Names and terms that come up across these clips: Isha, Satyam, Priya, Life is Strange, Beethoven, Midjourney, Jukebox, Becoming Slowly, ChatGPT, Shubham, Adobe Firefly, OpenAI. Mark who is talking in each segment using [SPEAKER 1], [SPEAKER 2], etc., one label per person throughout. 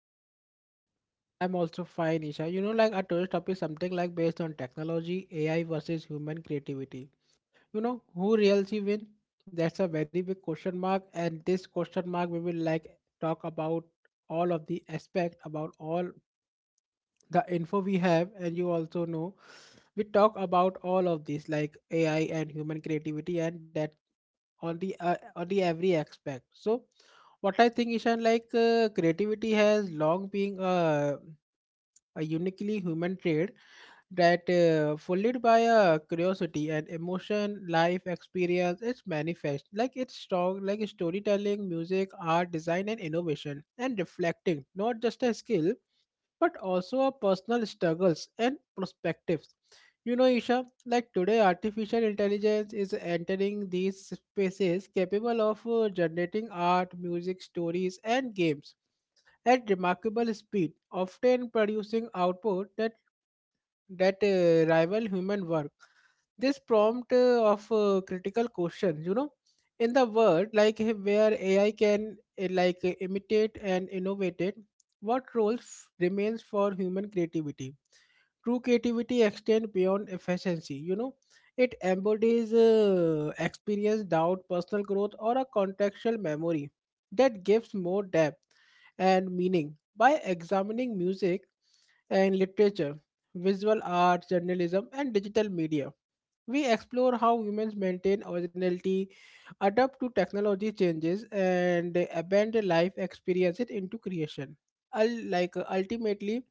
[SPEAKER 1] What's about you?
[SPEAKER 2] I'm also fine, Isha. You know, like our today's topic is something like based on technology, AI versus human creativity. You know who really win? That's a very big question mark, and this question mark we will like talk about all of the aspect about all the info we have, and you also know we talk about all of this like ai and human creativity and that on the every aspect. So what I think ishan, like creativity has long been a uniquely human trait that followed by a curiosity and emotion life experience, it's manifest like it's strong like storytelling, music, art, design, and innovation, and reflecting not just a skill but also our personal struggles and perspectives. You know, Isha, like today, artificial intelligence is entering these spaces capable of generating art, music, stories, and games at remarkable speed, often producing output that rival human work. This prompt of critical questions, you know, in the world like where AI can imitate and innovate it, what role remains for human creativity? True creativity extends beyond efficiency. You know, it embodies experience, doubt, personal growth, or a contextual memory that gives more depth and meaning. By examining music, and literature, visual arts, journalism, and digital media. We explore how humans maintain originality, adapt to technology changes, and abandon life experiences into creation. Ultimately,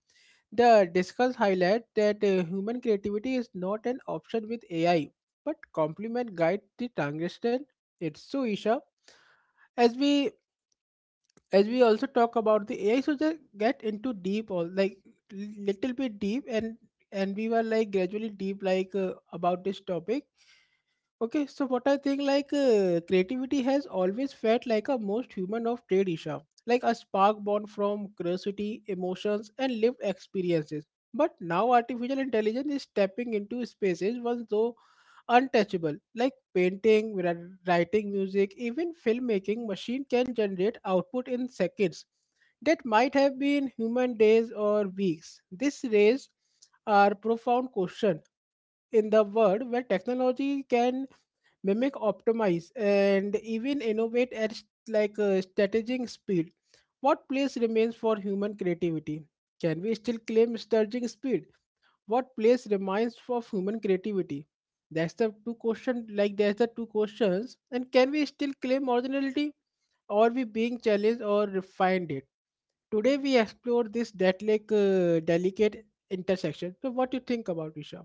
[SPEAKER 2] the discuss highlight that human creativity is not an option with AI, but complement guide the transition. It's so, Isha. As we as we also talk about the AI, so just get into deep all like little bit deep, and we were like gradually deep like about this topic. Okay, so what I think like, creativity has always felt like a most human of trade, Isha, like a spark born from curiosity, emotions, and lived experiences. But now artificial intelligence is stepping into spaces once untouchable. Like painting, writing music, even filmmaking, machine can generate output in seconds that might have been human days or weeks. This raised our profound question in the world where technology can mimic, optimize, and even innovate at like a strategic speed. What place remains for human creativity? Can we still claim strategic speed? What place reminds of human creativity? That's the two questions. And can we still claim originality, or we being challenged or refined it? Today we explore this that like delicate intersection. So what do you think about, Isha?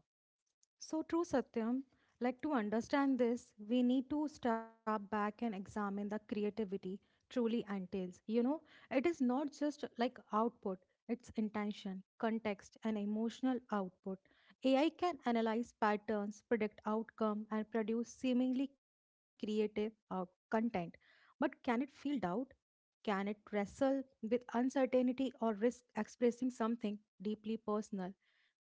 [SPEAKER 1] So true, Satyam. Like to understand this, we need to step back and examine the creativity truly entails. You know, it is not just like output, it's intention, context, and emotional output. AI can analyze patterns, predict outcome, and produce seemingly creative content. But can it feel doubt? Can it wrestle with uncertainty or risk expressing something deeply personal?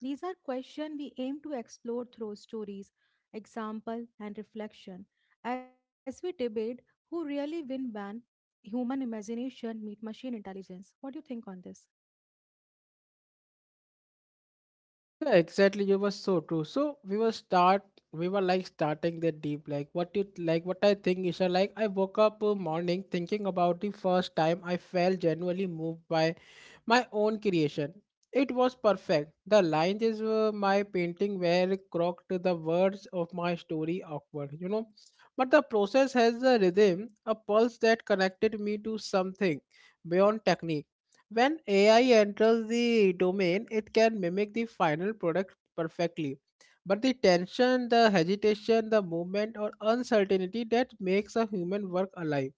[SPEAKER 1] These are questions we aim to explore through stories, example, and reflection. As we debate who really win when human imagination meet machine intelligence. What do you think on this?
[SPEAKER 2] Yeah, exactly. You were so true. We were like starting the deep. Like what you like. What I think, Isha. Like I woke up morning thinking about the first time I felt genuinely moved by my own creation. It was perfect. The lines is my painting were croaked, the words of my story awkward. You know, but the process has a rhythm, a pulse that connected me to something beyond technique when AI enters the domain, it can mimic the final product perfectly. But the tension, the hesitation, the movement, or uncertainty that makes a human work alive.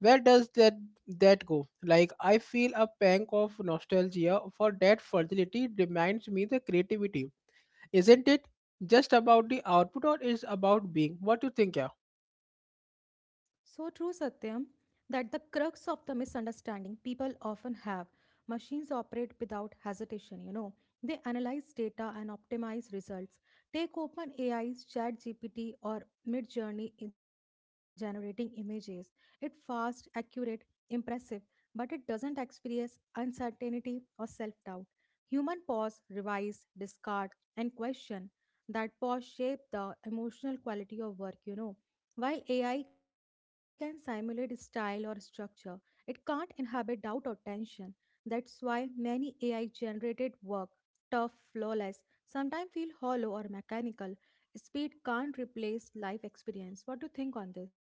[SPEAKER 2] Where does that go? Like I feel a pang of nostalgia for that fragility reminds me the creativity. Isn't it just about the output, or is about being? What do you think? Yeah,
[SPEAKER 1] So true, Satyam, that the crux of the misunderstanding people often have machines operate without hesitation, you know. They analyze data and optimize results. Take OpenAI's ChatGPT or Midjourney in generating images. It's fast, accurate, impressive, but it doesn't experience uncertainty or self-doubt. Human pause, revise, discard, and question. That pause shape the emotional quality of work, you know, while AI can simulate style or structure, it can't inhabit doubt or tension. That's why many AI generated work, tough, flawless, sometimes feel hollow or mechanical. Speed can't replace life experience. What do you think on this?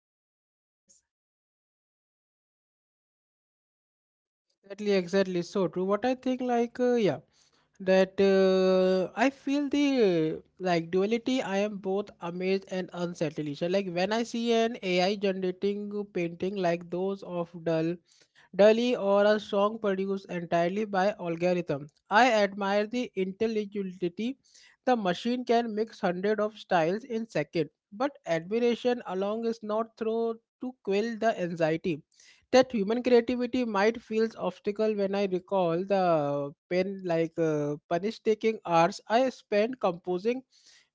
[SPEAKER 2] exactly, exactly. So true. What I think, like, that I feel the like duality. I am both amazed and unsettled. So, like when I see an AI generating painting like those of Dully or a song produced entirely by algorithm. I admire the intelligibility. The machine can mix hundreds of styles in second, but admiration alone is not through to quell the anxiety that human creativity might feels obstacle when I recall the pen like punish taking hours I spent composing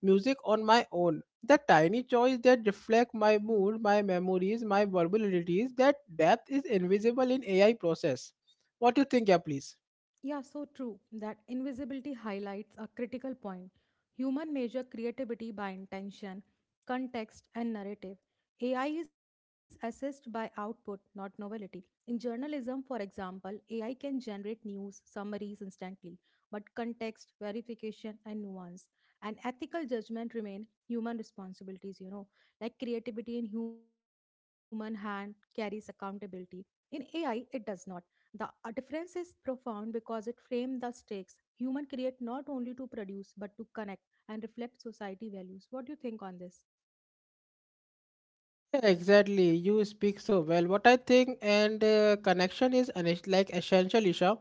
[SPEAKER 2] music on my own, the tiny choice that reflect my mood, my memories, my verbalities, that depth is invisible in AI process. What do you think, yeah, please?
[SPEAKER 1] Yeah, so true, that invisibility highlights a critical point. Human measure creativity by intention, context, and narrative. AI is assessed by output, not novelty. In journalism, for example, AI can generate news summaries instantly, but context, verification, and nuance and ethical judgment remain human responsibilities, you know, like creativity in human hand carries accountability. In AI, it does not. The difference is profound because it frames the stakes. Human create not only to produce but to connect and reflect society values. What do you think on this?
[SPEAKER 2] Yeah, exactly. You speak so well. What I think and connection is an essential, Isha.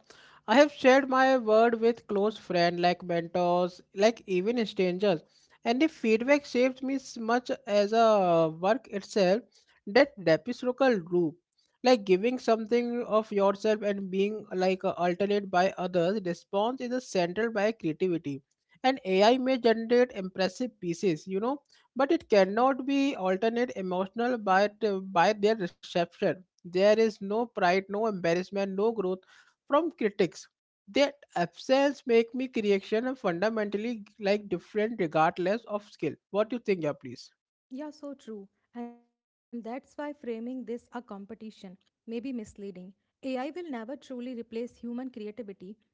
[SPEAKER 2] I have shared my word with close friend, like mentors, like even strangers, and the feedback shapes me as much as a work itself. That reciprocal loop, like giving something of yourself and being like altered by others, response is a central by creativity, and AI may generate impressive pieces. You know, but it cannot be alternate emotional by their reception. There is no pride, no embarrassment, no growth from critics. That absence make me creation fundamentally like different regardless of skill. What do you think, yeah, please?
[SPEAKER 1] Yeah, so true. And that's why framing this a competition may be misleading. AI will never truly replace human creativity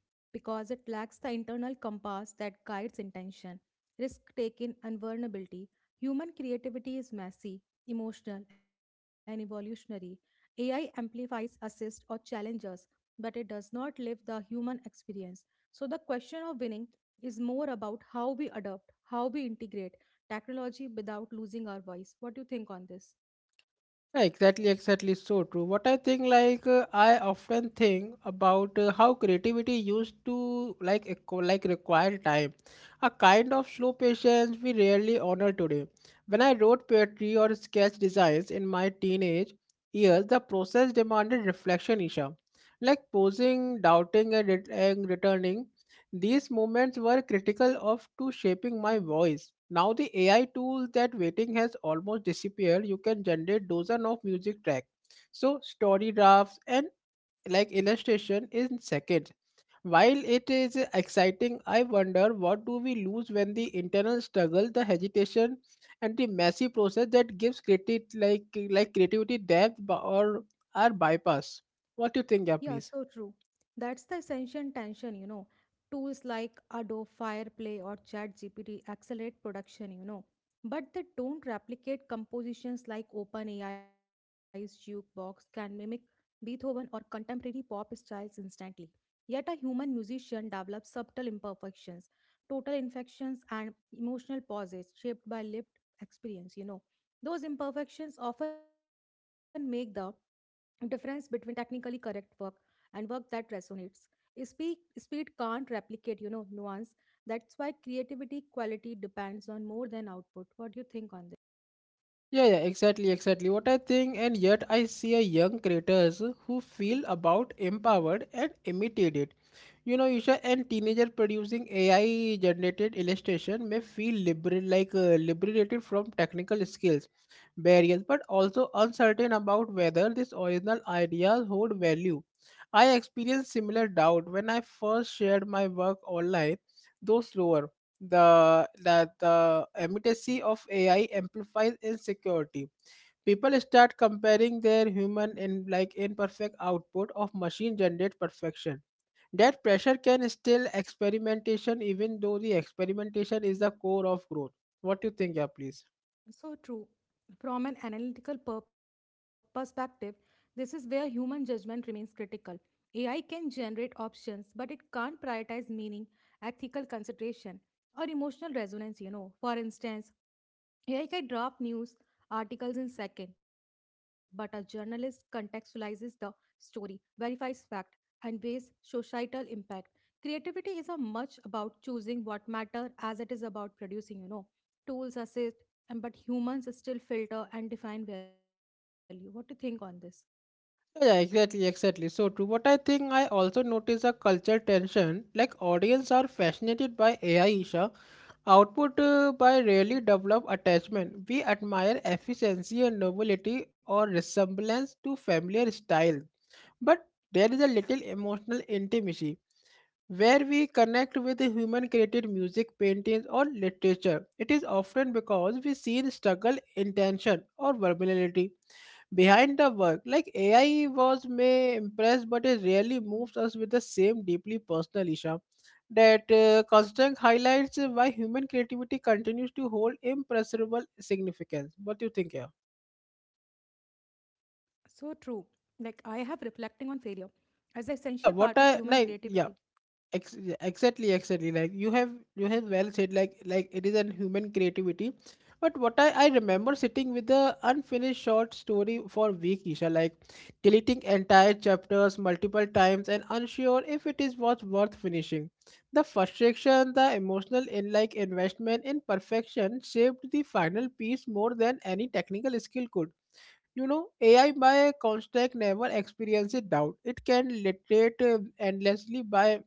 [SPEAKER 1] because it lacks the internal compass that guides intention, risk taking, and vulnerability. Human creativity is messy, emotional, and evolutionary. AI amplifies, assists, or challenges, but it does not live the human experience. So the question of winning is more about how we adopt, how we integrate technology without losing our voice. What do you think on this?
[SPEAKER 2] Yeah, exactly, exactly. So true. What I think, like I often think about how creativity used to like require time, a kind of slow patience we rarely honor today. When I wrote poetry or sketch designs in my teenage years, the process demanded reflection, Isha, like posing, doubting, and, returning. These moments were critical of to shaping my voice. Now the AI tool that waiting has almost disappeared. You can generate dozen of music track. So story drafts and like illustration in seconds. While it is exciting, I wonder what do we lose when the internal struggle, the hesitation, and the messy process that gives creative like creativity depth or are bypass. What do you think, yeah,
[SPEAKER 1] Yeah,
[SPEAKER 2] please?
[SPEAKER 1] so true. That's the essential tension, you know. Tools like Adobe Firefly or ChatGPT accelerate production, you know, but they don't replicate compositions like OpenAI's Jukebox can mimic Beethoven or contemporary pop styles instantly. Yet a human musician develops subtle imperfections, total infections, and emotional pauses shaped by lived experience, you know. Those imperfections often make the difference between technically correct work and work that resonates. Speed can't replicate, you know, nuance. That's why creativity quality depends on more than output. What do you think on
[SPEAKER 2] Yeah, yeah, exactly, exactly. What I think, and yet I see a young creators who feel about empowered and imitated. You know, Isha, and teenager producing AI generated illustration may feel liberated from technical skills barriers, but also uncertain about whether these original ideas hold value. I experienced similar doubt when I first shared my work online, though slower. The immediacy of AI amplifies insecurity, people start comparing their human and like imperfect output of machine generated perfection, that pressure can still experimentation even though the experimentation is the core of growth. What do you think, yeah, please?
[SPEAKER 1] this? So true. From an analytical perspective, this is where human judgment remains critical. AI can generate options but it can't prioritize meaning, ethical consideration, or emotional resonance, you know. For instance, AI can draft news articles in seconds, but a journalist contextualizes the story, verifies fact, and weighs societal impact. Creativity is a much about choosing what matter as it is about producing, you know. Tools assist, and but humans still filter and define value. What do you think on this?
[SPEAKER 2] Yeah, exactly, exactly. So true. What I think I also notice a culture tension. Like audience are fascinated by AI Isha output by rarely develop attachment. We admire efficiency and novelty or resemblance to familiar style. But there is a little emotional intimacy where we connect with the human created music, paintings, or literature. It is often because we see the struggle, intention, or vulnerability behind the work. Like AI was may impress, but it rarely moves us with the same deeply personal issue. That constant highlights why human creativity continues to hold impressible significance. What do you think here?
[SPEAKER 1] So true. Like I have reflecting on failure as an essential part of
[SPEAKER 2] Yeah, what
[SPEAKER 1] human
[SPEAKER 2] I like,
[SPEAKER 1] creativity.
[SPEAKER 2] yeah. Exactly, exactly, like you have well said like it is an human creativity, but what I remember sitting with the unfinished short story for week, Isha, like deleting entire chapters multiple times and unsure if it is was worth finishing, the frustration, the emotional in like investment in perfection shaped the final piece more than any technical skill could, you know, ai by construct never experiences doubt, it can literate endlessly by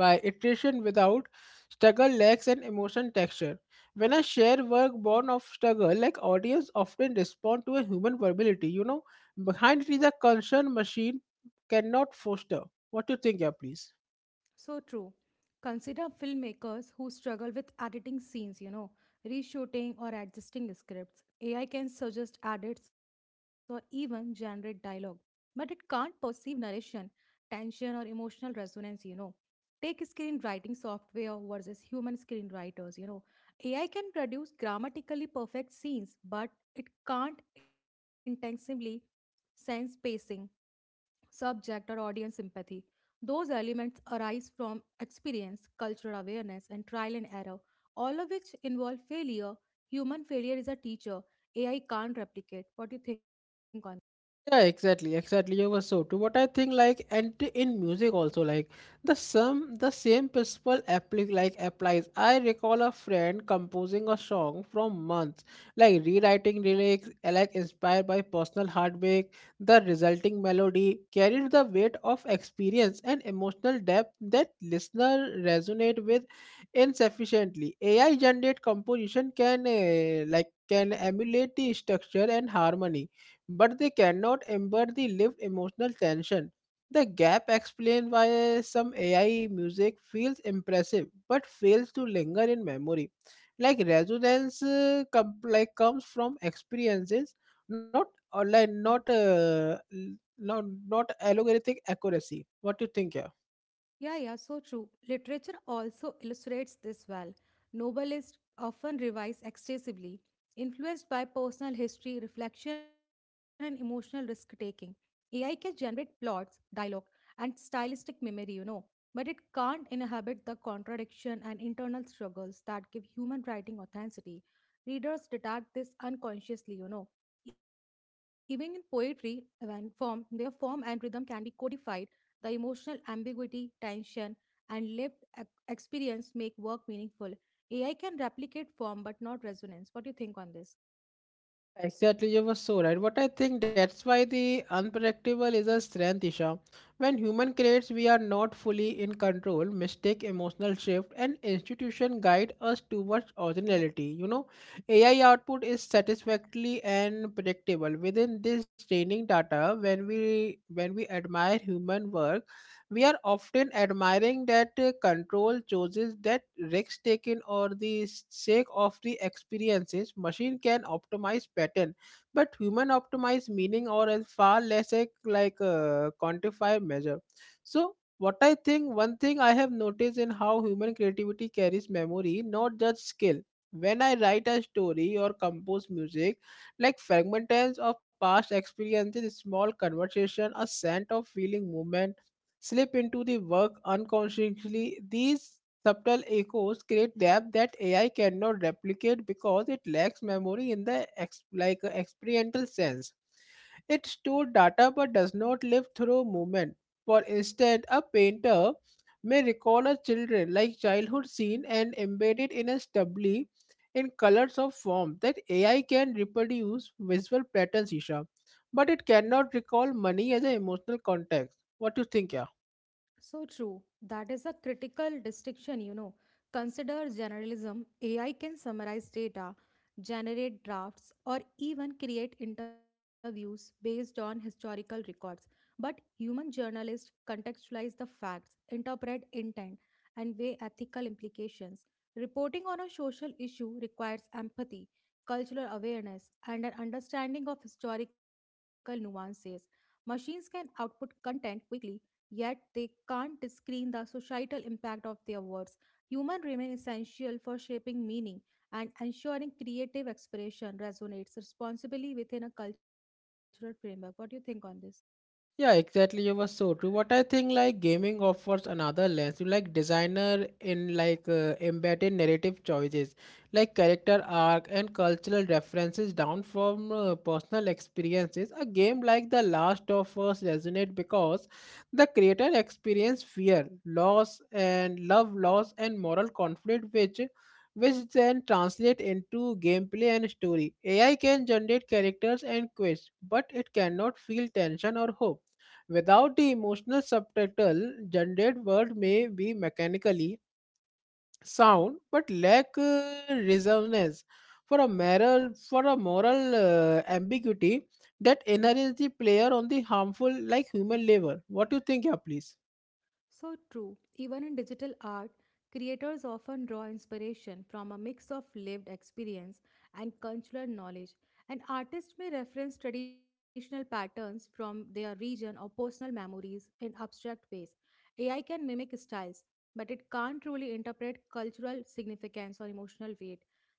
[SPEAKER 2] by iteration without struggle lacks an emotion texture. When I share work born of struggle, like audience often respond to a human verbality, you know, behind it is a concern machine cannot foster. What do you think, yeah, please?
[SPEAKER 1] So true. Consider filmmakers who struggle with editing scenes, you know, reshooting or adjusting scripts. AI can suggest edits or even generate dialogue, but it can't perceive narration, tension, or emotional resonance, you know. Take screenwriting software versus human screenwriters, you know. AI can produce grammatically perfect scenes, but it can't intensively sense pacing, subject or audience sympathy. Those elements arise from experience, cultural awareness, and trial and error, all of which involve failure. Human failure is a teacher AI can't replicate. What do you think on?
[SPEAKER 2] Yeah, exactly, exactly. You were so true. What I think, like, and in music also, like, the same principle applies. I recall a friend composing a song from months, like rewriting lyrics, like inspired by personal heartbreak. The resulting melody carried the weight of experience and emotional depth that listener resonate with insufficiently. AI generate composition can emulate the structure and harmony, but they cannot ember the lived emotional tension. The gap explains why some AI music feels impressive but fails to linger in memory. Like resonance comes from experiences, not online, not not algorithmic accuracy. What do you think? Yeah?
[SPEAKER 1] Yeah, yeah, so true. Literature also illustrates this well. Novelists often revise excessively, influenced by personal history, reflection, and emotional risk taking. AI can generate plots, dialogue, and stylistic memory, you know, but it can't inhabit the contradiction and internal struggles that give human writing authenticity. Readers detect this unconsciously, you know. Even in poetry, when form and rhythm can be codified, the emotional ambiguity, tension, and lived experience make work meaningful. AI can replicate form but not resonance. What do you think on this?
[SPEAKER 2] Exactly, you were so right. But I think that's why the unpredictable is a strength, Isha. When human creates, we are not fully in control, mistake emotional shift, and institution guide us towards originality. You know, AI output is satisfactorily and predictable. Within this training data, when we admire human work, we are often admiring that control chooses that risks taken or the sake of the experiences machine can optimize pattern but human optimize meaning or as far less a, quantify measure. So what I think, one thing I have noticed in how human creativity carries memory not just skill. When I write a story or compose music, like fragments of past experiences, small conversation, a scent of feeling movement slip into the work unconsciously. These subtle echoes create depth that AI cannot replicate because it lacks memory in the experiential sense. It stores data but does not live through movement. For instance, a painter may recall a children like childhood scene and embed it in a stubbly in colors of form that AI can reproduce visual patterns, Isha, but it cannot recall money as an emotional context. What do you think, yeah?
[SPEAKER 1] So true. That is a critical distinction, you know. Consider generalism. AI can summarize data, generate drafts, or even create interviews based on historical records. But human journalists contextualize the facts, interpret intent, and weigh ethical implications. Reporting on a social issue requires empathy, cultural awareness, and an understanding of historical nuances. Machines can output content quickly yet they can't screen the societal impact of their words. Humor remain essential for shaping meaning and ensuring creative expression resonates responsibly within a cultural framework. What do you think on this?
[SPEAKER 2] Yeah, exactly. You were so true. What I think, like gaming offers another lens. You like designer in embedded narrative choices, like character arc and cultural references down from personal experiences. A game like The Last of Us resonate because the creator experience fear, loss, and love loss and moral conflict, which then translate into gameplay and story. AI can generate characters and quests, but it cannot feel tension or hope without the emotional subtitle, gendered word may be mechanically sound but lack resonance for a moral ambiguity that inherits the player on the harmful like human labor. What do you think, yeah, please?
[SPEAKER 1] So true. Even in digital art, creators often draw inspiration from a mix of lived experience and cultural knowledge. An artist may reference traditional patterns from their region or personal memories in abstract ways. AI can mimic styles, but it can't truly interpret cultural significance or emotional weight.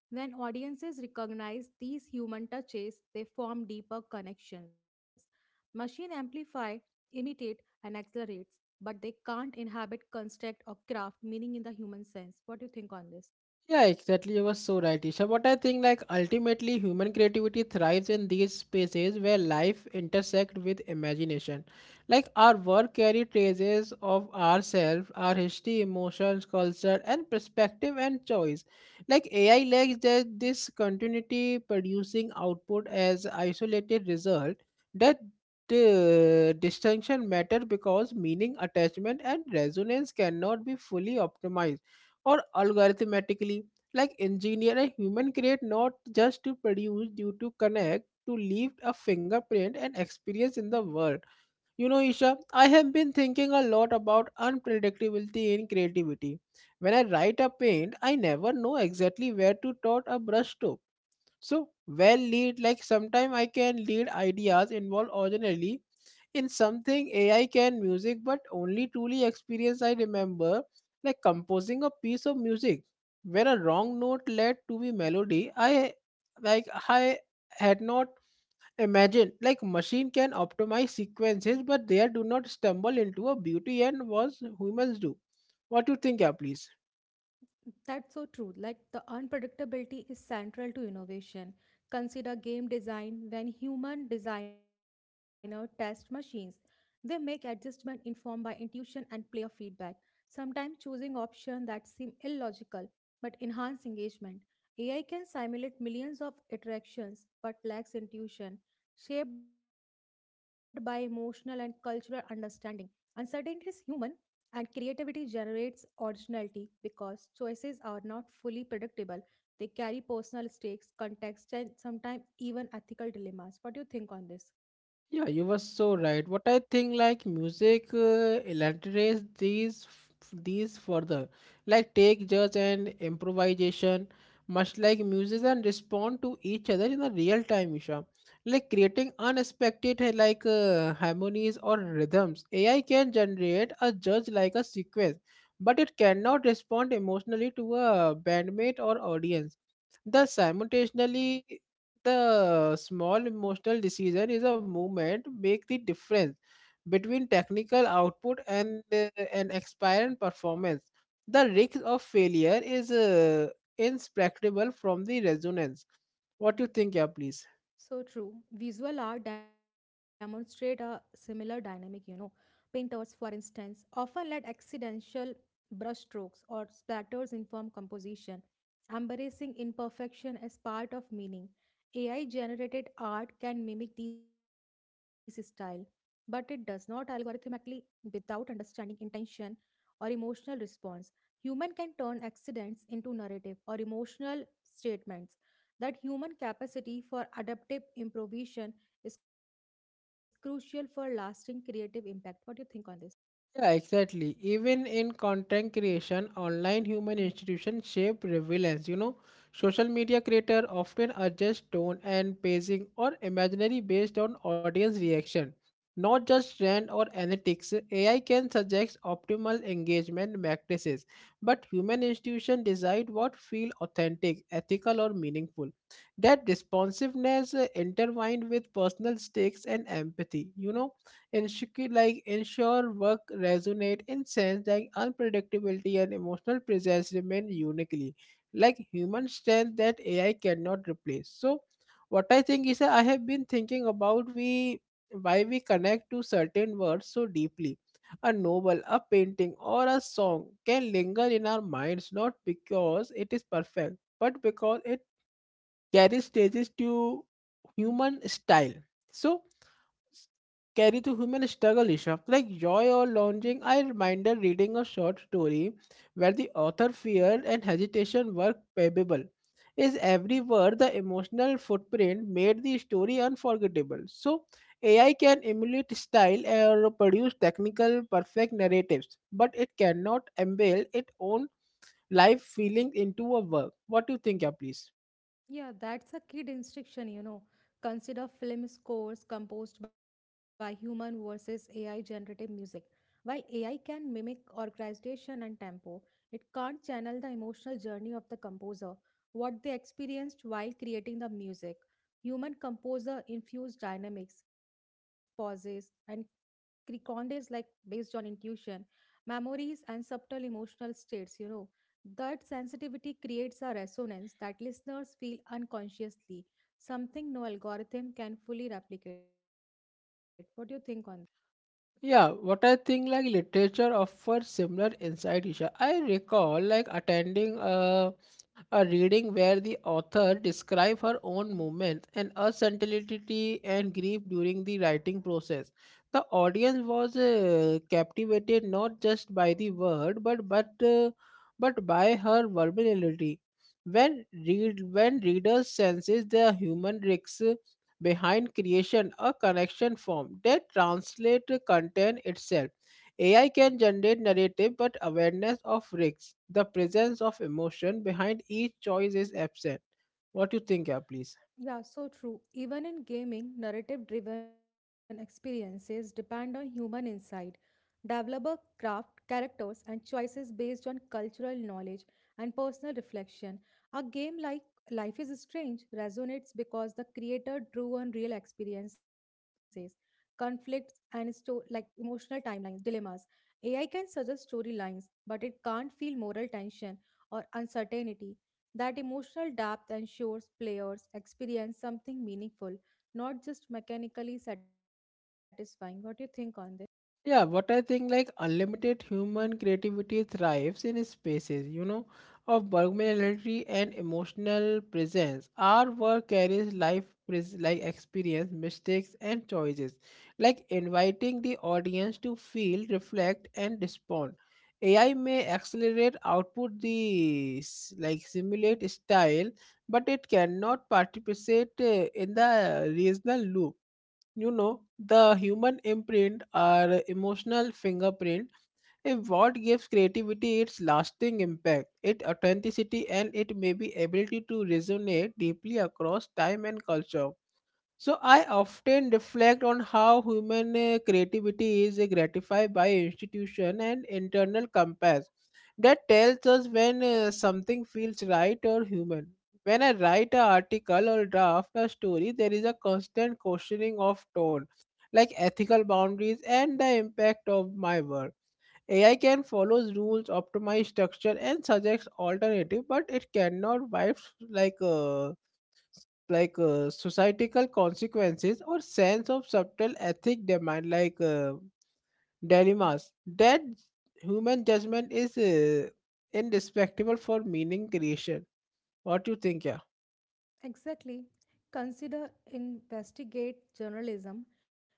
[SPEAKER 1] When audiences recognize these human touches, they form deeper connections. Machine amplify, imitate, and accelerate but they can't inhabit, construct, or craft meaning in the human sense. What do you think on this?
[SPEAKER 2] Yeah, exactly. You were so right, Isha. But I think like ultimately human creativity thrives in these spaces where life intersect with imagination. Like our work carry traces of ourselves, our history, emotions, culture, and perspective and choice. Like AI lacks that this continuity producing output as isolated result that the distinction matter because meaning attachment and resonance cannot be fully optimized or algorithmically like engineer a human create not just to produce due to connect to leave a fingerprint and experience in the world. You know, Isha, I have been thinking a lot about unpredictability in creativity. When I write a paint, I never know exactly where to dot a brush stroke. So well lead like sometimes I can lead ideas involve originally in something AI can music, but only truly experience I remember, like composing a piece of music where a wrong note led to be melody. I had not imagined like machine can optimize sequences, but they do not stumble into a beauty and was humans do. What do you think, yeah, please?
[SPEAKER 1] That's so true. Like the unpredictability is central to innovation. Consider game design when human designer test machines. They make adjustment informed by intuition and player feedback, sometimes choosing options that seem illogical but enhance engagement. AI can simulate millions of interactions but lacks intuition, shaped by emotional and cultural understanding. Uncertainty is human, and creativity generates originality because choices are not fully predictable. They carry personal stakes, context, and sometimes even ethical dilemmas. What do you think on this?
[SPEAKER 2] Yeah, you were so right. What I think, like music, elaborates these further, like take judge and improvisation, much like musicians respond to each other in the real time, Isha. Like creating unexpected harmonies or rhythms. AI can generate a judge like a sequence, but it cannot respond emotionally to a bandmate or audience. The simultaneously the small emotional decision is a movement make the difference between technical output and an aspirant performance. The risk of failure is inseparable from the resonance. What do you think, yeah, please?
[SPEAKER 1] So true. Visual art demonstrate a similar dynamic, you know. Painters, for instance, often let accidental brushstrokes or splatters inform composition, embracing imperfection as part of meaning. AI generated art can mimic this style, but it does not algorithmically without understanding intention or emotional response. Human can turn accidents into narrative or emotional statements. That human capacity for adaptive improvisation is crucial for lasting creative impact. What do you think on this?
[SPEAKER 2] Yeah, exactly. Even in content creation, online human institutions shape relevance. You know, social media creators often adjust tone and pacing or imaginary based on audience reaction, not just trend or analytics. AI can suggest optimal engagement practices, but human institutions decide what feel authentic, ethical, or meaningful. That responsiveness intertwined with personal stakes and empathy. You know, ensure work resonate in sense that unpredictability and emotional presence remain uniquely like human strength that AI cannot replace. So what I think is that I have been thinking about we why we connect to certain words so deeply. A novel, a painting, or a song can linger in our minds not because it is perfect, but because it carry stages to human style. So carry to human struggle, Isha. Like joy or longing, I remember reading a short story where the author fear and hesitation were palpable. Is every word the emotional footprint made the story unforgettable? So AI can emulate style or produce technical perfect narratives, but it cannot embed its own life feeling into a work. What do you think, yeah, please?
[SPEAKER 1] Yeah, that's a key distinction, you know. Consider film scores composed by human versus AI generative music. While AI can mimic orchestration and tempo, it can't channel the emotional journey of the composer, what they experienced while creating the music. Human composer infused dynamics, pauses, and Criconde is like based on intuition, memories, and subtle emotional states, you know. That sensitivity creates a resonance that listeners feel unconsciously, something no algorithm can fully replicate. What do you think on?
[SPEAKER 2] Yeah, what I think like literature offers similar insight, Isha. I recall like attending a reading where the author described her own movements and uncertainty and grief during the writing process. The audience was captivated not just by the word, but but by her versatility. When readers senses the human risks behind creation a connection form that translate the content itself. AI can generate narrative but awareness of risks the presence of emotion behind each choice is absent. What do you think, yeah, please?
[SPEAKER 1] Yeah, so true. Even in gaming, narrative driven experiences depend on human insight. Developer craft characters and choices based on cultural knowledge and personal reflection. A game like Life is Strange resonates because the creator drew on real experiences, conflicts, and like emotional timelines, dilemmas. AI can suggest storylines, but it can't feel moral tension or uncertainty. That emotional depth ensures players experience something meaningful, not just mechanically satisfying. What do you think on this?
[SPEAKER 2] Yeah, what I think like unlimited human creativity thrives in spaces, you know, of vulnerability and emotional presence. Our work carries life pres- like experience, mistakes and choices, like inviting the audience to feel, reflect and respond. AI may accelerate output the s- like simulate style, but it cannot participate in the reasonal loop. You know, the human imprint or emotional fingerprint is what gives creativity its lasting impact, its authenticity and it may be ability to resonate deeply across time and culture. So I often reflect on how human creativity is gratified by institution and internal compass that tells us when something feels right or human. When I write an article or draft a story, there is a constant questioning of tone, like ethical boundaries and the impact of my work. AI can follow rules, optimize structure, and suggest alternative, but it cannot wipe like uh, societal consequences or sense of subtle ethic demand dilemmas that human judgment is indispensable for meaning creation. What do you think, yeah?
[SPEAKER 1] Exactly. Consider investigate journalism.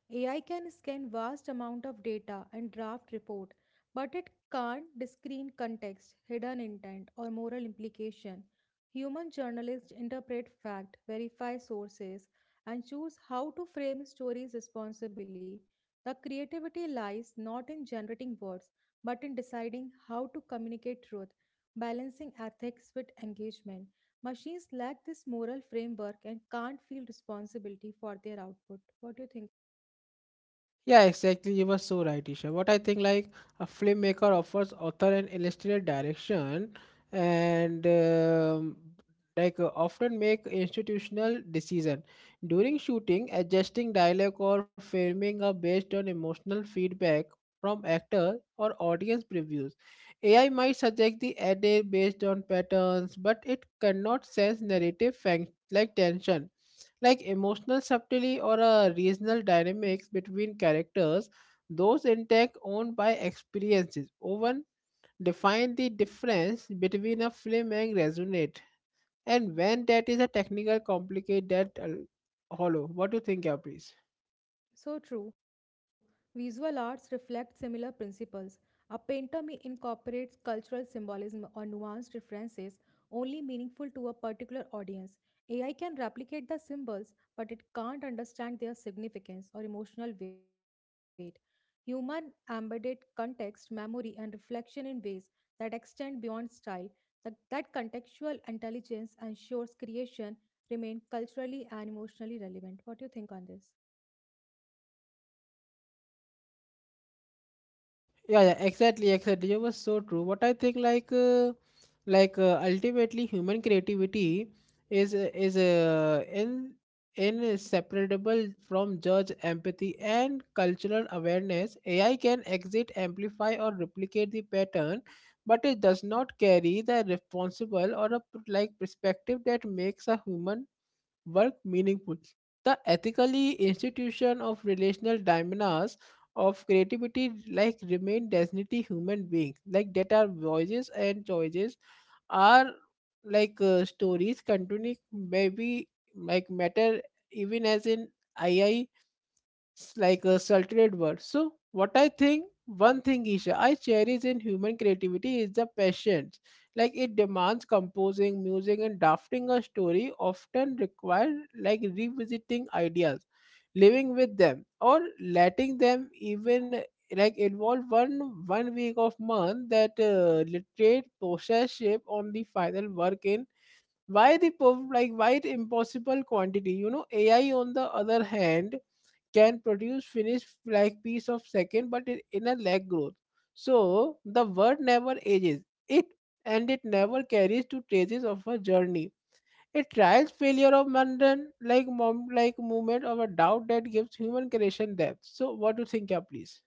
[SPEAKER 1] AI can scan vast amount of data and draft report, but it can't screen context, hidden intent, or moral implication. Human journalists interpret fact, verify sources, and choose how to frame stories responsibly. The creativity lies not in generating words, but in deciding how to communicate truth, balancing ethics with engagement. Machines lack this moral framework and can't feel responsibility for their output. What do you think?
[SPEAKER 2] Yeah, exactly. You were so right, Isha. What I think, like a filmmaker offers author and illustrator direction, and often make institutional decision during shooting, adjusting dialogue or framing are based on emotional feedback from actor or audience previews. AI might suggest the edit based on patterns, but it cannot sense narrative fact like tension like emotional subtlety or a regional dynamics between characters. Those intact owned by experiences often define the difference between a film and resonate and when that is a technical complicate that hollow. What do you think, yeah, please?
[SPEAKER 1] So true. Visual arts reflect similar principles. A painter may incorporate cultural symbolism or nuanced references only meaningful to a particular audience. AI can replicate the symbols, but it can't understand their significance or emotional weight. Human embedded context, memory, and reflection in ways that extend beyond style. That contextual intelligence ensures creation remain culturally and emotionally relevant. What do you think on this?
[SPEAKER 2] Yeah, exactly, exactly. You was so true. What I think ultimately human creativity is in inseparable from judge empathy and cultural awareness. AI can exit amplify or replicate the pattern but it does not carry the responsible or a p- like perspective that makes a human work meaningful. The ethically institution of relational dimensions of creativity like remain designated human beings like that are voices and choices are stories continuing maybe like matter even as in AI a sultry word. So, what I think, one thing, Isha, I cherish in human creativity is the patience. Like it demands composing, music, and drafting a story often require like revisiting ideas, living with them, or letting them even like involve one week of month that literate process shape on the final work in why the perf- like why it impossible quantity. You know, AI on the other hand can produce finished like piece of second but in a lag growth. So the word never ages it and it never carries to traces of a journey it tries failure of mundane like mom like movement of a doubt that gives human creation depth. So what do you think, yeah, please?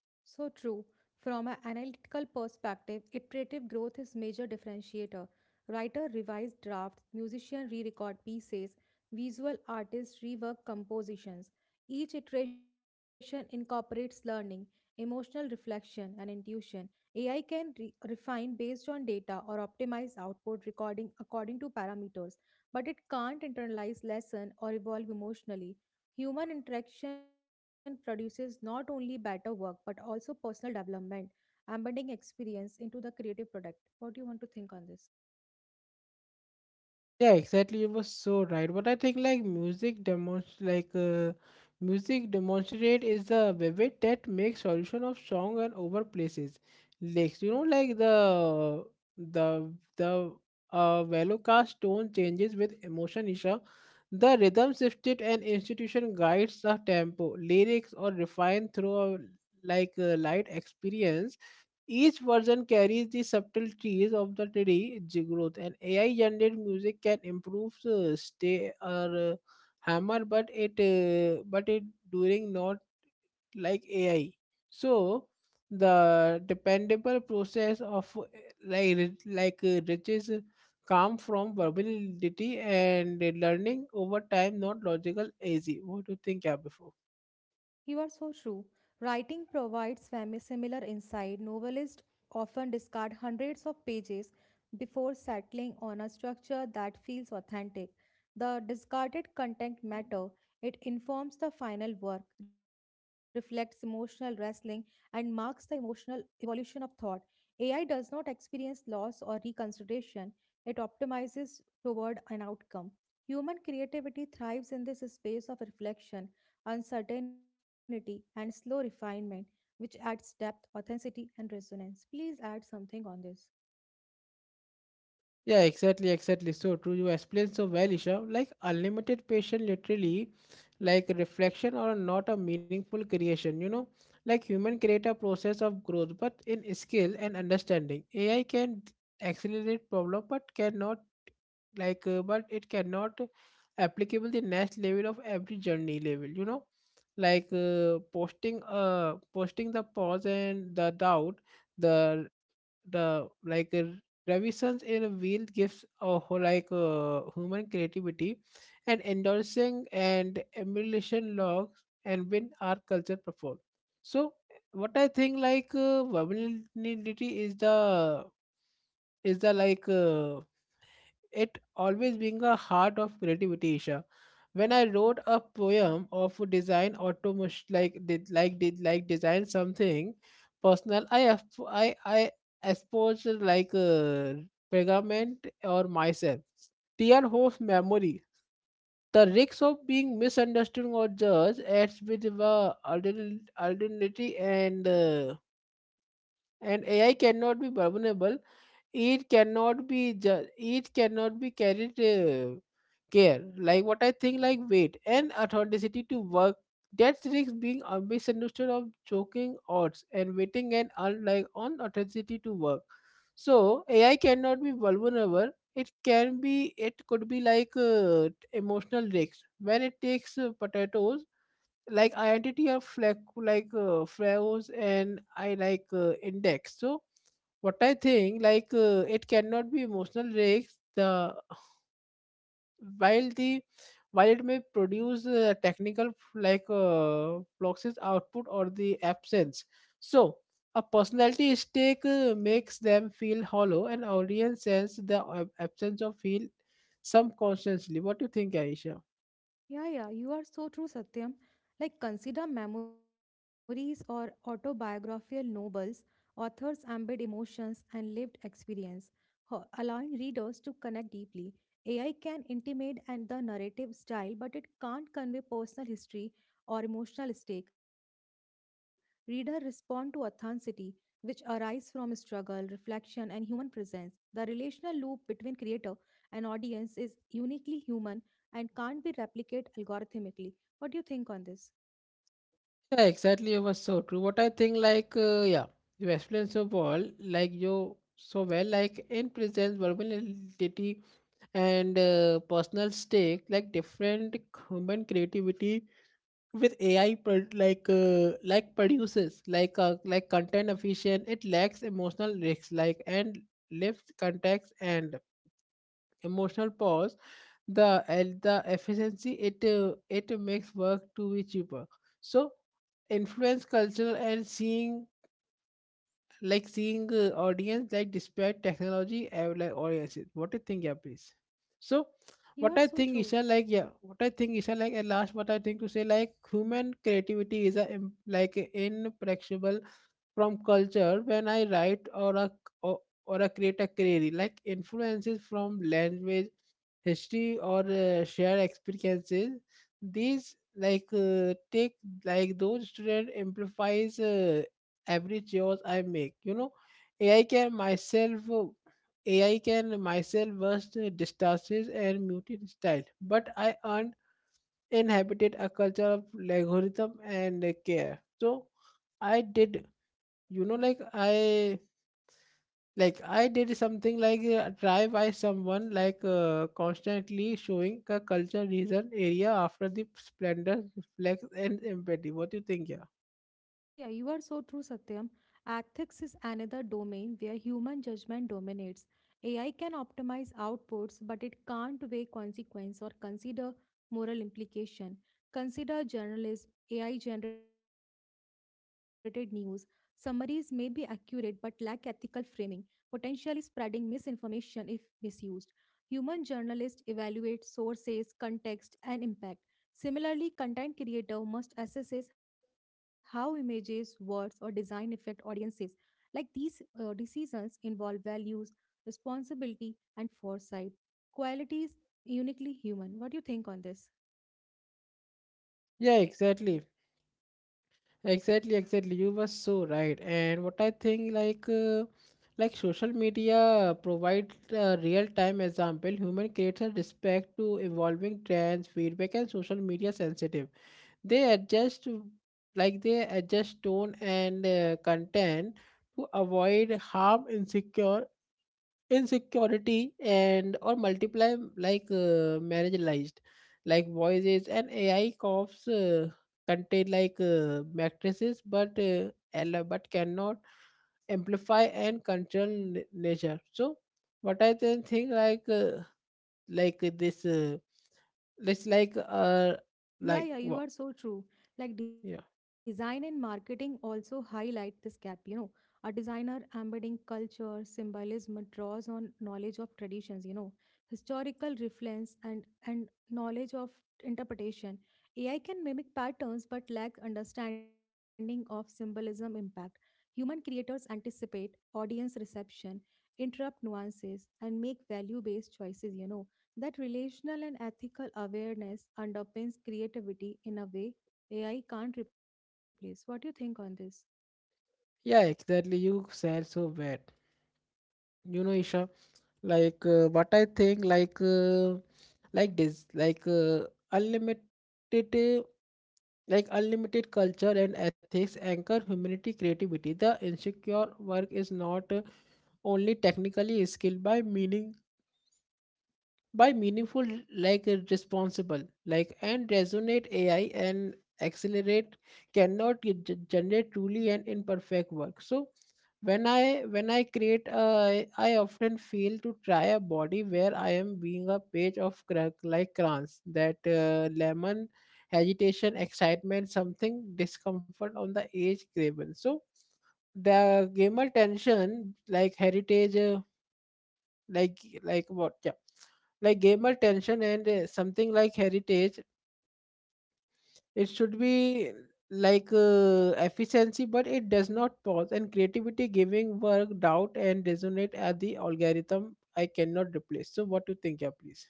[SPEAKER 1] So true. From an analytical perspective, iterative growth is major differentiator. Writer revise drafts, musician re-record pieces, visual artists rework compositions. Each iteration incorporates learning, emotional reflection, and intuition. AI can refine based on data or optimize output recording according to parameters, but it can't internalize lesson or evolve emotionally. Human interaction produces not only better work but also personal development, embedding experience into the creative product. What do you want to think on this?
[SPEAKER 2] Yeah, exactly. You were so right. But I think like music demonstrate is the vivid that makes solution of song and over places lyrics. You know, like the the velocast tone changes with emotion. Isha, the rhythm shifted and institution guides the tempo, lyrics or refined through a like a light experience. Each version carries the subtleties of the today's growth, and AI generated music can improve stay or hammer, but it during not like AI. So the dependable process of riches come from verbality and learning over time, not logical easy. What do you think, yeah, before?
[SPEAKER 1] You are so true. Writing provides similar insight. Novelists often discard hundreds of pages before settling on a structure that feels authentic. The discarded content matter. It informs the final work, reflects emotional wrestling, and marks the emotional evolution of thought. AI does not experience loss or reconsideration. It optimizes toward an outcome. Human creativity thrives in this space of reflection uncertainty, and slow refinement, which adds depth, authenticity, and resonance. Please add something on this.
[SPEAKER 2] Yeah, exactly, exactly. So true. You explain so well, Isha. Like unlimited patient, literally, like reflection or not a meaningful creation. You know, like human create a process of growth, but in skill and understanding, accelerate problem, but cannot like, but it cannot applicable the next level of every journey level. You know, like posting the pause and the doubt, the the revisions in a wheel gives a whole human creativity and endorsing and emulation logs and when our culture perform. So what I think, vulnerability is the like it always being a heart of creativity, Isha. When I wrote a poem of design automation, like did like did like design something personal, I exposed like uh, pergament or myself, tear of memory, the risks of being misunderstood or judged adds with the alternativity and AI cannot be vulnerable. It cannot be it cannot be carried, care. Like, what I think, like weight and authenticity to work, that risks being a misunderstood of choking odds and waiting and unlike on authenticity to work. So AI cannot be vulnerable. It could be, emotional risks when it takes potatoes, like identity of flag, flowers, and I, index. So what I think, it cannot be emotional rigs. The while it may produce technical fluxes output or the absence. So a personality stake makes them feel hollow, and audience sense the absence of feel some constantly. What do you think, Aisha?
[SPEAKER 1] Yeah, yeah, you are so true, Satyam. Like, consider memories or autobiographical novels, authors embed emotions and lived experience, allowing readers to connect deeply. AI can intimate and the narrative style, but it can't convey personal history or emotional stake. Reader respond to authenticity, which arise from struggle, reflection, and human presence. The relational loop between creator and audience is uniquely human and can't be replicated algorithmically. What do you think on this?
[SPEAKER 2] Yeah, exactly. It was so true. What I think, like, yeah, you explained so well, like in presence, verbality and personal stake, like different human creativity with AI produces content efficient. It lacks emotional risks like and left context and emotional pause. The and the efficiency it makes work to be cheaper. So influence culture and seeing audience, like despite technology, I would like audiences. What do you think? Yeah, please. so
[SPEAKER 1] You are so
[SPEAKER 2] what i
[SPEAKER 1] true.
[SPEAKER 2] think isha like yeah what I think, Isha, like at last, what I think to say, like human creativity is a imperishable from culture. When I write or or, or a create a query, like influences from language, history, or shared experiences, these like take like those student amplifies every choice I make. You know, ai can myself uh, AI can myself burst distances and muted style, but I earned inhabited a culture of algorithm and care. So I did. You know, I did something, try by someone, constantly showing a culture reason area after the splendor reflex and empathy. What do you think? Yeah.
[SPEAKER 1] Yeah, yeah, you are so true, Satyam. Ethics is another domain where human judgment dominates. AI can optimize outputs, but it can't weigh consequence or consider moral implication. Consider journalism, AI generated news. Summaries may be accurate but lack ethical framing, potentially spreading misinformation if misused. Human journalists evaluate sources, context, and impact. Similarly, content creator must assess how images, words, or design affect audiences. Like these decisions involve values, responsibility, and foresight. Qualities uniquely human. What do you think on this?
[SPEAKER 2] Yeah, exactly. You were so right. And what I think, like social media provide a real time example. Human creates a respect to evolving trends, feedback, and social media sensitive. they adjust they adjust tone and content to avoid harm, insecure insecurity and or multiply marginalized voices. And AI coughs, contain, matrices, but cannot amplify and control nature. So what I then think, like this it's
[SPEAKER 1] Yeah,
[SPEAKER 2] like
[SPEAKER 1] yeah, you
[SPEAKER 2] what.
[SPEAKER 1] are so true. Like design and marketing also highlight this gap. You know, a designer embedding culture, symbolism draws on knowledge of traditions, you know, historical reference and knowledge of interpretation. AI can mimic patterns but lack understanding of symbolism impact. Human creators anticipate audience reception, interrupt nuances, and make value-based choices, you know that relational and ethical awareness underpins creativity in a way AI can't replace. What do you think on this?
[SPEAKER 2] Yeah, exactly. You said so bad. You know, Isha, what I think, like this, like uh, unlimited, uh, like unlimited culture and ethics anchor humanity creativity. The insecure work is not only technically skilled, by meaningful, responsible, and resonate. AI and accelerate cannot generate truly and imperfect work. So when I create a, I often feel to try a body where I am being a page of crayons, that lemon agitation, excitement, something discomfort on the edge craven. So the gamer tension, like heritage, like like what yeah like gamer tension and something like heritage. It should be, efficiency, but it does not pause and creativity giving work doubt and resonate at the algorithm I cannot replace. So what do you think? Yeah, please.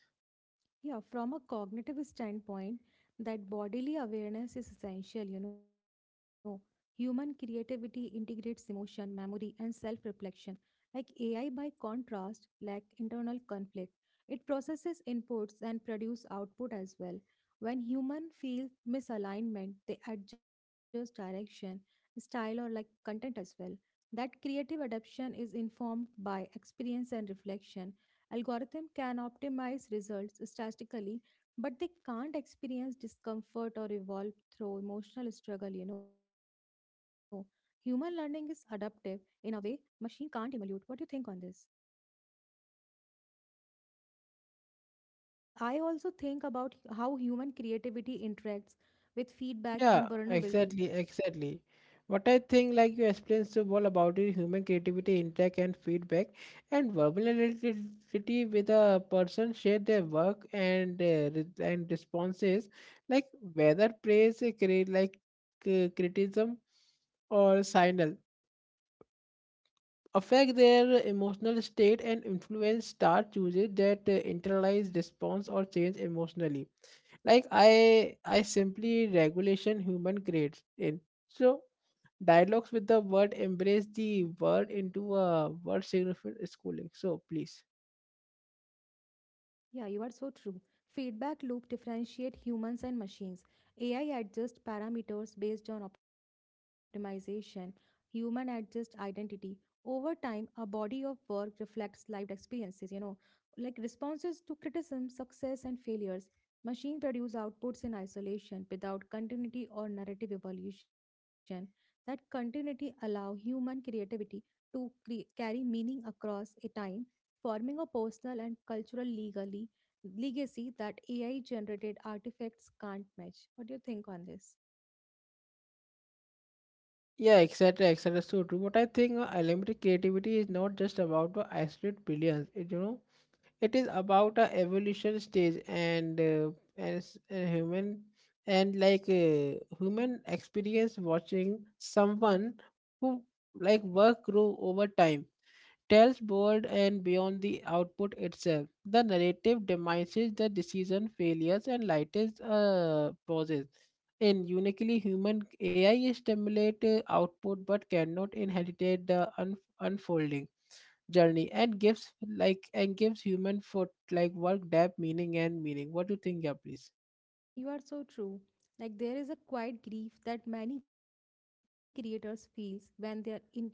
[SPEAKER 1] Yeah, from a cognitive standpoint, that bodily awareness is essential, you know. Human creativity integrates emotion, memory, and self reflection. Like AI, by contrast, lack internal conflict. It processes inputs and produce output as well. When human feel misalignment, they adjust direction, style, or like content as well. That creative adaptation is informed by experience and reflection. Algorithm can optimize results statistically, but they can't experience discomfort or evolve through emotional struggle, you know. Human learning is adaptive in a way machine can't emulate. What do you think on this? Like I also think about how human creativity interacts with feedback
[SPEAKER 2] Yeah,
[SPEAKER 1] and vulnerability.
[SPEAKER 2] exactly. What I think, like, you explained so well about it. Human creativity, interact and feedback and vulnerability, with a person share their work and responses, like whether praise, criticism, or signal, affect their emotional state and influence. Start chooses that internalized response or change emotionally, like I simply regulation human creates in. So dialogues with the word, embrace the word into a word significant schooling. So please.
[SPEAKER 1] Yeah, you are so true. Feedback loop differentiate humans and machines. AI adjusts parameters based on optimization. Human adjust identity. Over time, a body of work reflects lived experiences, you know, like responses to criticism, success, and failures. Machine produce outputs in isolation without continuity or narrative evolution. That continuity allow human creativity to carry meaning across a time forming a personal and cultural legally legacy that AI generated artifacts can't match. What do you think on this?
[SPEAKER 2] Yeah, etc., etc., so true. But I think unlimited creativity is not just about the isolate billions. It, you know, it is about a evolution stage and human and like human experience, watching someone who work grow over time tells board and beyond the output itself. The narrative demises the decision failures and lightest pauses. In uniquely human, AI stimulate output but cannot inherit the unfolding journey and gives like and gives human for work depth meaning and meaning. What do you think? Yeah, please.
[SPEAKER 1] You are so true. Like there is a quiet grief that many creators feels when their intimate work is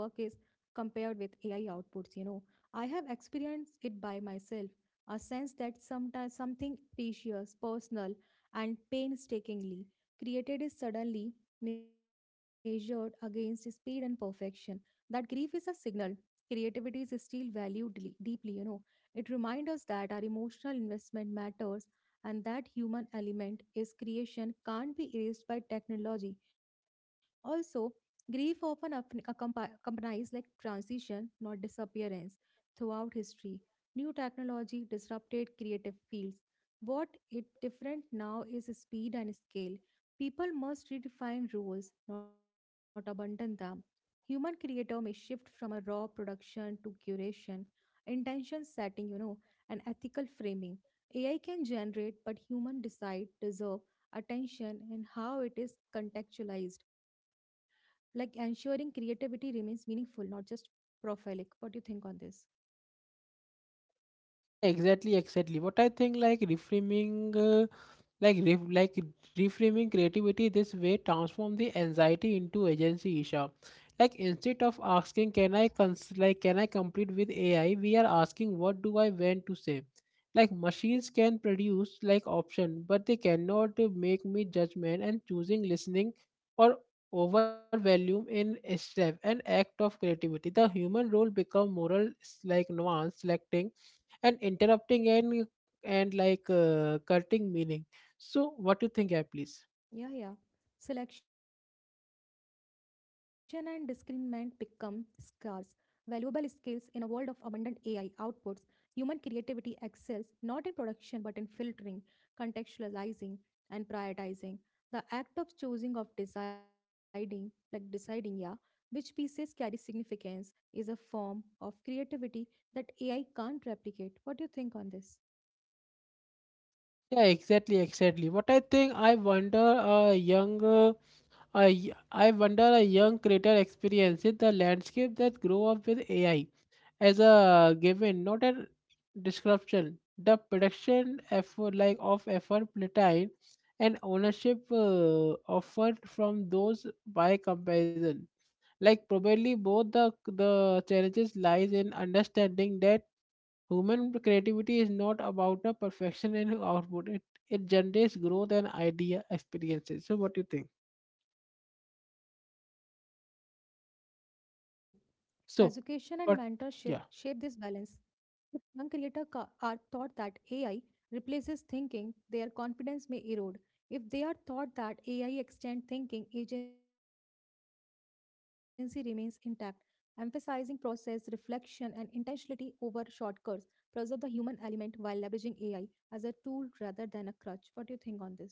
[SPEAKER 1] compared with AI outputs, you know. I have experienced it by myself, a sense that sometimes something precious, personal and painstakingly created is suddenly measured against speed and perfection. That grief is a signal. Creativity is still valued deeply, you know. It reminds us that our emotional investment matters and that human element is creation can't be erased by technology. Also, grief often accompanies like transition, not disappearance, throughout history. New technology disrupted creative fields. What it different now is speed and scale. People must redefine roles, not abandon them. Human creator may shift from a raw production to curation, intention setting, you know, and ethical framing. AI can generate, but human decide, deserve attention, and how it is contextualized, like ensuring creativity remains meaningful, not just prolific. What do you think on this?
[SPEAKER 2] Exactly, exactly. What I think, like reframing, like ref, like reframing creativity this way transform the anxiety into agency, Isha. Like, instead of asking, can I compete with AI, we are asking, what do I want to say. Like, machines can produce option, but they cannot make me judgment and choosing listening, or overvalue in a step an act of creativity. The human role become moral, nuance selecting and interrupting and cutting meaning. So what do you think? Yeah, please.
[SPEAKER 1] Yeah, yeah. Selection and discernment become scarce, valuable skills in a world of abundant AI outputs. Human creativity excels not in production but in filtering, contextualizing, and prioritizing. The act of choosing, of deciding, like deciding, yeah, which pieces carry significance is a form of creativity that AI can't replicate. What do you think on this?
[SPEAKER 2] Yeah, exactly, exactly. What I think, I wonder a young a y- I wonder a young creator experiences the landscape that grow up with AI as a given, not a description. The production effort, like of effort platine and ownership offered from those by comparison, like probably both the challenges lies in understanding that human creativity is not about a perfection and output. It generates growth and idea experiences. So what do you think?
[SPEAKER 1] You are so true. Education and mentorship
[SPEAKER 2] So,
[SPEAKER 1] shape this
[SPEAKER 2] but
[SPEAKER 1] balance.
[SPEAKER 2] yeah.
[SPEAKER 1] If young creators are taught that AI replaces thinking, their confidence may erode. If they are taught that AI extends thinking, agency remains intact, emphasizing process, reflection, and intentionality over shortcuts. Preserve the human element while leveraging AI as a tool rather than a crutch. What do you think on this?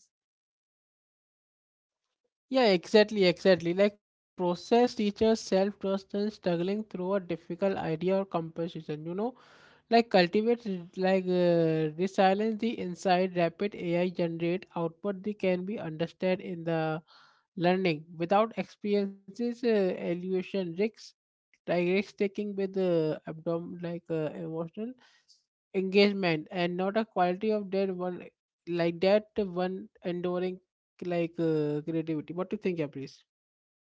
[SPEAKER 2] Yeah, exactly, exactly. Like, process teaches self trust and struggling through a difficult idea or composition. You know, like cultivate resilience. The inside rapid AI generate output, they can be understood in the learning without experiences, evaluation risks, like risk taking with the abdomen, emotional engagement, and not a quality of that like that one enduring, creativity. What do you think? Yeah, please.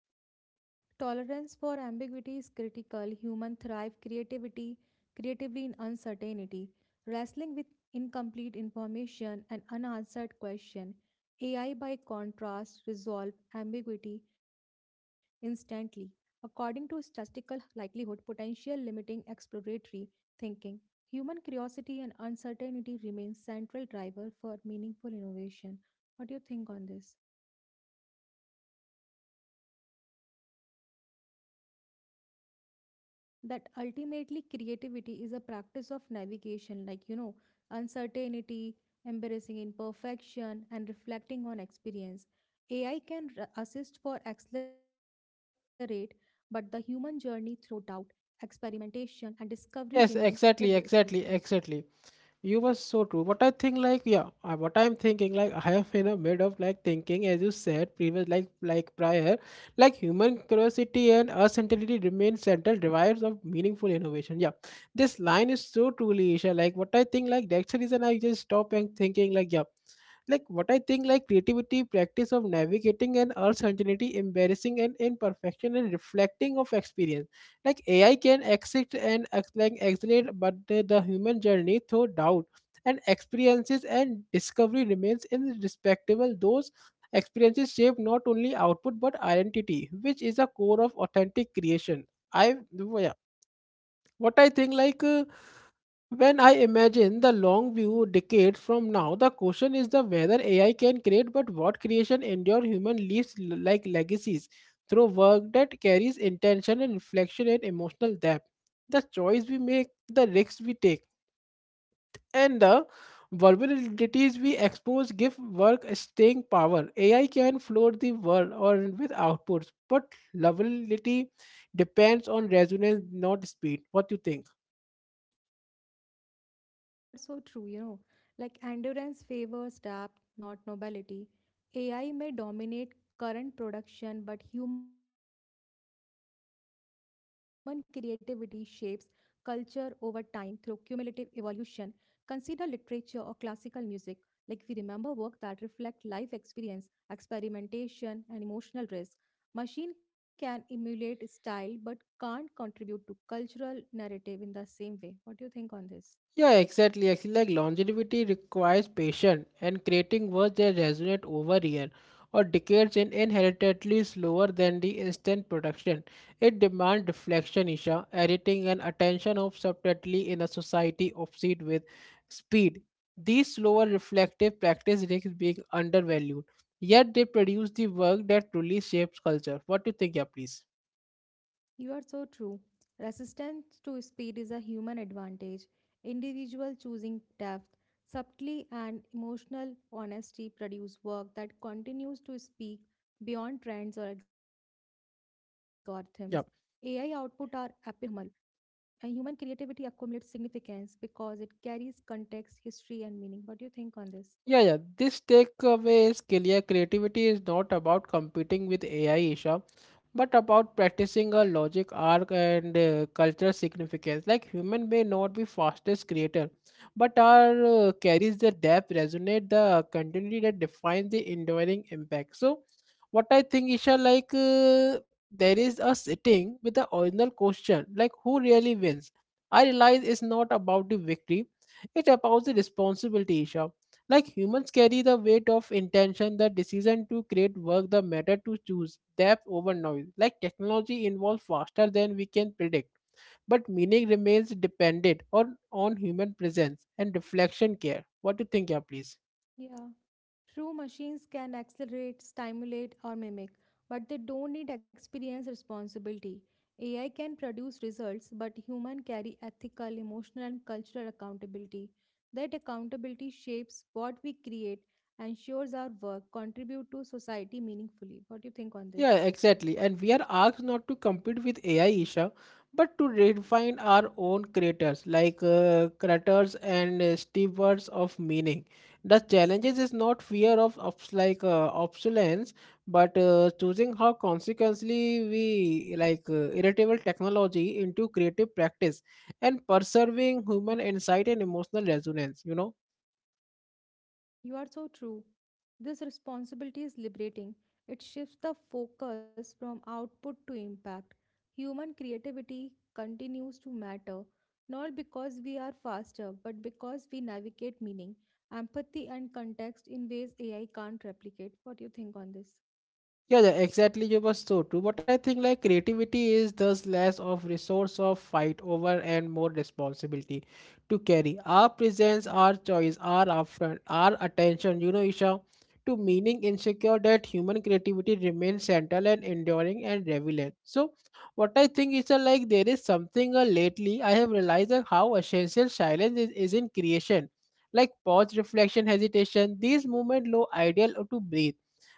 [SPEAKER 1] Yeah, yeah. Tolerance for ambiguity is critical. Human thrive creativity, creatively in uncertainty, wrestling with incomplete information and unanswered question. AI by contrast resolve ambiguity instantly. According to statistical likelihood, potential limiting exploratory thinking, human curiosity and uncertainty remain central driver for meaningful innovation. What do you think on this? That ultimately creativity is a practice of navigation like you know uncertainty embarrassing imperfection and reflecting on experience. AI can assist for accelerate but the human journey through doubt experimentation and discovery
[SPEAKER 2] Yes,
[SPEAKER 1] remains irreplaceable.
[SPEAKER 2] exactly. You were so true. What I think, like, yeah, what I'm thinking, like, I am in a mid of like thinking, as you said previous, prior, like human curiosity and uncertainty remain central drivers of meaningful innovation. Yeah, this line is so truly, Isha. Like, what I think, like, that's the reason I just stop and thinking, like, yeah, like what I think, like, creativity, practice of navigating and uncertainty, embarrassing and imperfection, and reflecting of experience. Like, AI can accept and accelerate, but the human journey through doubt and experiences and discovery remains irrespectable. Those experiences shape not only output but identity, which is a core of authentic creation. i yeah, what I think, when I imagine the long view decades from now, the question is the whether AI can create, but what creation endure. Human leaves legacies through work that carries intention and reflection and emotional depth. The choice we make, the risks we take, and the vulnerabilities we expose give work a staying power. AI can float the world or with outputs, but lovability depends on resonance, not speed. What do you think?
[SPEAKER 1] You are so true, you know. Like endurance favors depth, not nobility. AI may dominate current production, but human creativity shapes culture over time through cumulative evolution. Consider literature or classical music. Like we remember work that reflect life experience, experimentation, and emotional risk. Machine can emulate style but can't contribute to cultural narrative in the same way. What do you think on this?
[SPEAKER 2] Yeah, exactly. Actually, like, longevity requires patience, and creating works that resonate over years or decades and inherently slower than the instant production. It demands reflection, Isha, editing, and attention of subtlety in a society obsessed with speed. These slower reflective practice risks being undervalued, yet they produce the work that truly shapes culture. What do you think? Yeah, please.
[SPEAKER 1] You are so true. Resistance to speed is a human advantage. Individual choosing depth, subtlety, and emotional honesty produce work that continues to speak beyond trends or algorithms. AI output are
[SPEAKER 2] Yeah.
[SPEAKER 1] abnormal, and human creativity accumulates significance because it carries context, history, and meaning. What do you think on this?
[SPEAKER 2] Yeah, yeah. This takeaway is clear. Creativity is not about competing with AI, Isha, but about practicing a logic, arc, and culture significance. Like, human may not be fastest creator, but our carries the depth, resonate the continuity that defines the enduring impact. So, what I think, Isha, there is a sitting with the original question, like who really wins. I realize it's not about the victory; it's about the responsibility, Isha. Like, humans carry the weight of intention, the decision to create work, the matter to choose, depth over noise. Like, technology involves faster than we can predict, but meaning remains dependent on, human presence and reflection care. What do you think? Yeah, please.
[SPEAKER 1] Yeah. True, machines can accelerate, stimulate, or mimic, but they don't need experience responsibility. AI can produce results, but human carry ethical, emotional, and cultural accountability. That accountability shapes what we create, ensures our work contribute to society meaningfully. What do you think on
[SPEAKER 2] Yeah,
[SPEAKER 1] this?
[SPEAKER 2] exactly. And we are asked not to compete with AI, Isha, but to redefine our own creators, creators and stewards of meaning. The challenges is not fear of, obsolescence, but choosing how consequently we irritable technology into creative practice and preserving human insight and emotional resonance. You know.
[SPEAKER 1] You are so true. This responsibility is liberating. It shifts the focus from output to impact. Human creativity continues to matter, not because we are faster, but because we navigate meaning, empathy, and context in ways AI can't replicate. What do you think on this?
[SPEAKER 2] Yeah, yeah, exactly. You were so true. But I think, like, creativity is thus less of resource of fight over and more responsibility to carry. Our presence, our choice, our upfront, our attention, you know, Isha, to meaning insecure that human creativity remains central and enduring and relevant. So what I think is that, like, there is something lately I have realized that how essential silence is in creation. Like, pause, reflection, hesitation, these movement low ideal to breathe.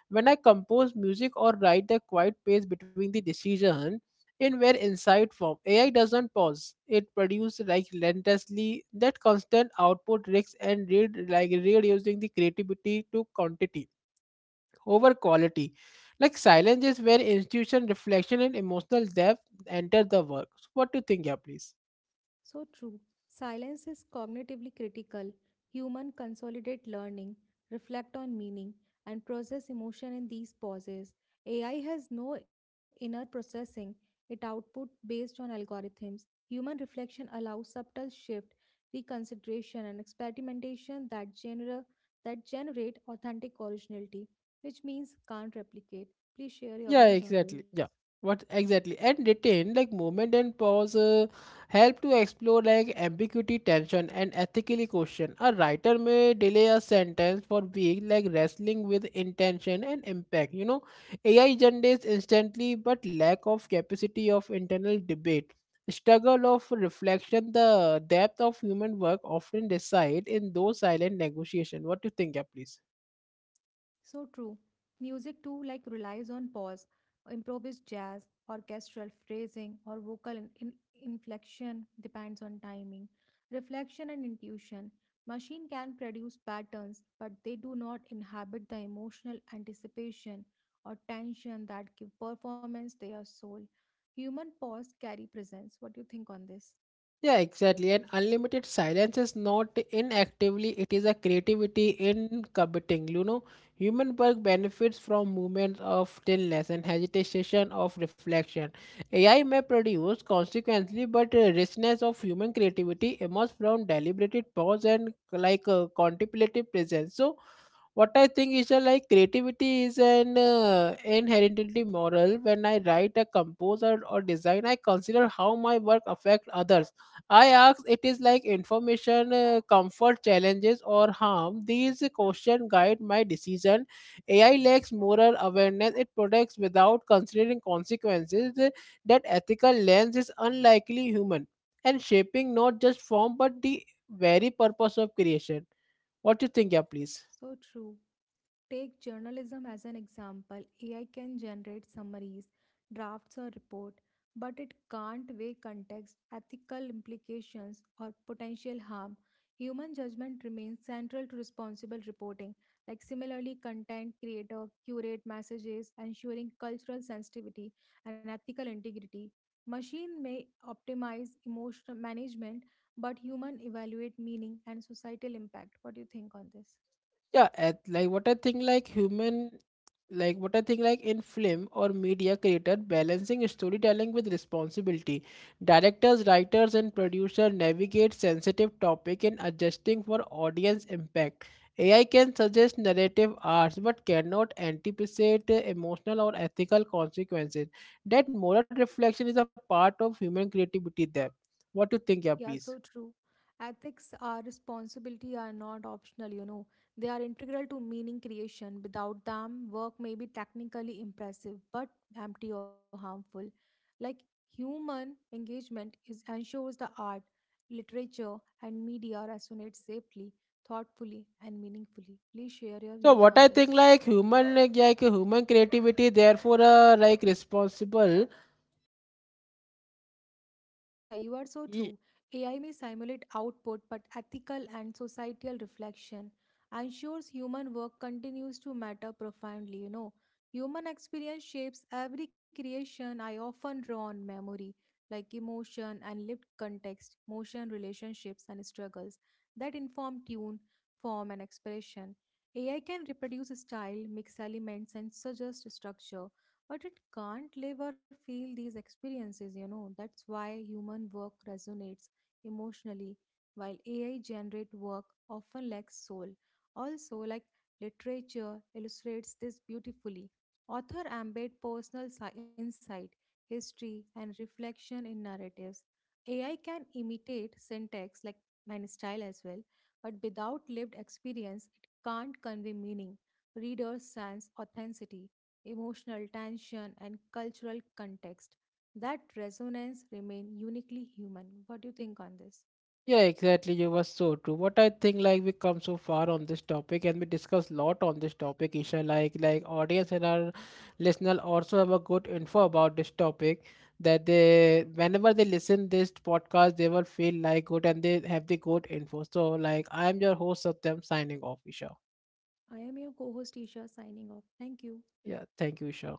[SPEAKER 2] When I compose music or write, the quiet space between the decision in where insight form. AI doesn't pause. It produces like relentlessly that constant output risks and read like reducing the creativity to quantity over quality. Like, silence is where institution, reflection, and emotional depth enter the work. So what do you think? Yeah, please.
[SPEAKER 1] So true. Silence is cognitively critical. Human consolidate learning, reflect on meaning, and process emotion in these pauses. AI has no inner processing. It output based on algorithms. Human reflection allows subtle shift, reconsideration, and experimentation that genera that generate authentic originality, which means can't replicate. Please share your
[SPEAKER 2] Yeah,
[SPEAKER 1] views on
[SPEAKER 2] exactly.
[SPEAKER 1] this.
[SPEAKER 2] Yeah. What exactly? And retain like movement and pause help to explore like ambiguity, tension, and ethically question. A writer may delay a sentence for being like wrestling with intention and impact. You know, AI generates instantly, but lack of capacity of internal debate, struggle of reflection, the depth of human work often reside in those silent negotiation. What do you think? Yeah, please.
[SPEAKER 1] So true. Music too like relies on pause, improvised jazz, orchestral phrasing, or vocal inflection depends on timing, reflection and intuition. Machine can produce patterns, but they do not inhabit the emotional anticipation or tension that give performance their soul. Human pause carry presence. What do you think on this?
[SPEAKER 2] Yeah, exactly. And unlimited silence is not inactively, it is a creativity in committing. You know, human work benefits from moments of stillness and hesitation of reflection. AI may produce consequently, but richness of human creativity emerges from deliberated pause and contemplative presence. So, what I think is that, like, creativity is an inherently moral. When I write a composer or design, I consider how my work affects others. I ask, it is like information, comfort, challenges, or harm. These questions guide my decision. AI lacks moral awareness. It protects without considering consequences. That ethical lens is unlikely human and shaping not just form but the very purpose of creation. What you think? Yeah, please.
[SPEAKER 1] So true. Take journalism as an example. AI can generate summaries, drafts, or report, but it can't weigh context, ethical implications, or potential harm. Human judgment remains central to responsible reporting. Like similarly, content creator curate messages, ensuring cultural sensitivity and ethical integrity. Machine may optimize emotional management, but human evaluate meaning and societal impact. What do you think on this?
[SPEAKER 2] Yeah, what I think, like human, like what I think like in film or media creator balancing storytelling with responsibility. Directors, writers, and producer navigate sensitive topic in adjusting for audience impact. AI can suggest narrative arcs but cannot anticipate emotional or ethical consequences. That moral reflection is a part of human creativity there. What do you think? Yeah,
[SPEAKER 1] Yeah,
[SPEAKER 2] please.
[SPEAKER 1] so true. Ethics are responsibility are not optional, you know. They are integral to meaning creation. Without them, work may be technically impressive but empty or harmful. Like human engagement is ensures the art, literature, and media resonate safely, thoughtfully, and meaningfully. Please share your
[SPEAKER 2] So
[SPEAKER 1] views
[SPEAKER 2] what
[SPEAKER 1] on
[SPEAKER 2] I think,
[SPEAKER 1] this.
[SPEAKER 2] like human, human creativity therefore, responsible.
[SPEAKER 1] Yeah, you are so true. AI may simulate output, but ethical and societal reflection ensures human work continues to matter profoundly. You know, human experience shapes every creation. I often draw on memory, like emotion and lived context, motion, relationships, and struggles that inform tune, form, and expression. AI can reproduce style, mix elements, and suggest structure but it can't live or feel these experiences, you know. That's why human work resonates emotionally, while AI generate work often lacks soul. Also, like literature illustrates this beautifully. Author embed personal insight, history, and reflection in narratives. AI can imitate syntax like and style as well, but without lived experience, it can't convey meaning. Readers sense authenticity emotional tension, and cultural context. That resonance remain uniquely human. What do you think on this?
[SPEAKER 2] Yeah, exactly. You were so true. What I think, like, we come so far on this topic, and we discuss lot on this topic, Isha. Like, audience and our listener also have a good info about this topic. That they, whenever they listen this podcast, they will feel like good and they have the good info. So, like, I am your host, Satyam, signing off, Isha.
[SPEAKER 1] I am your co-host Isha signing off. Thank you.
[SPEAKER 2] Yeah, thank you, Isha.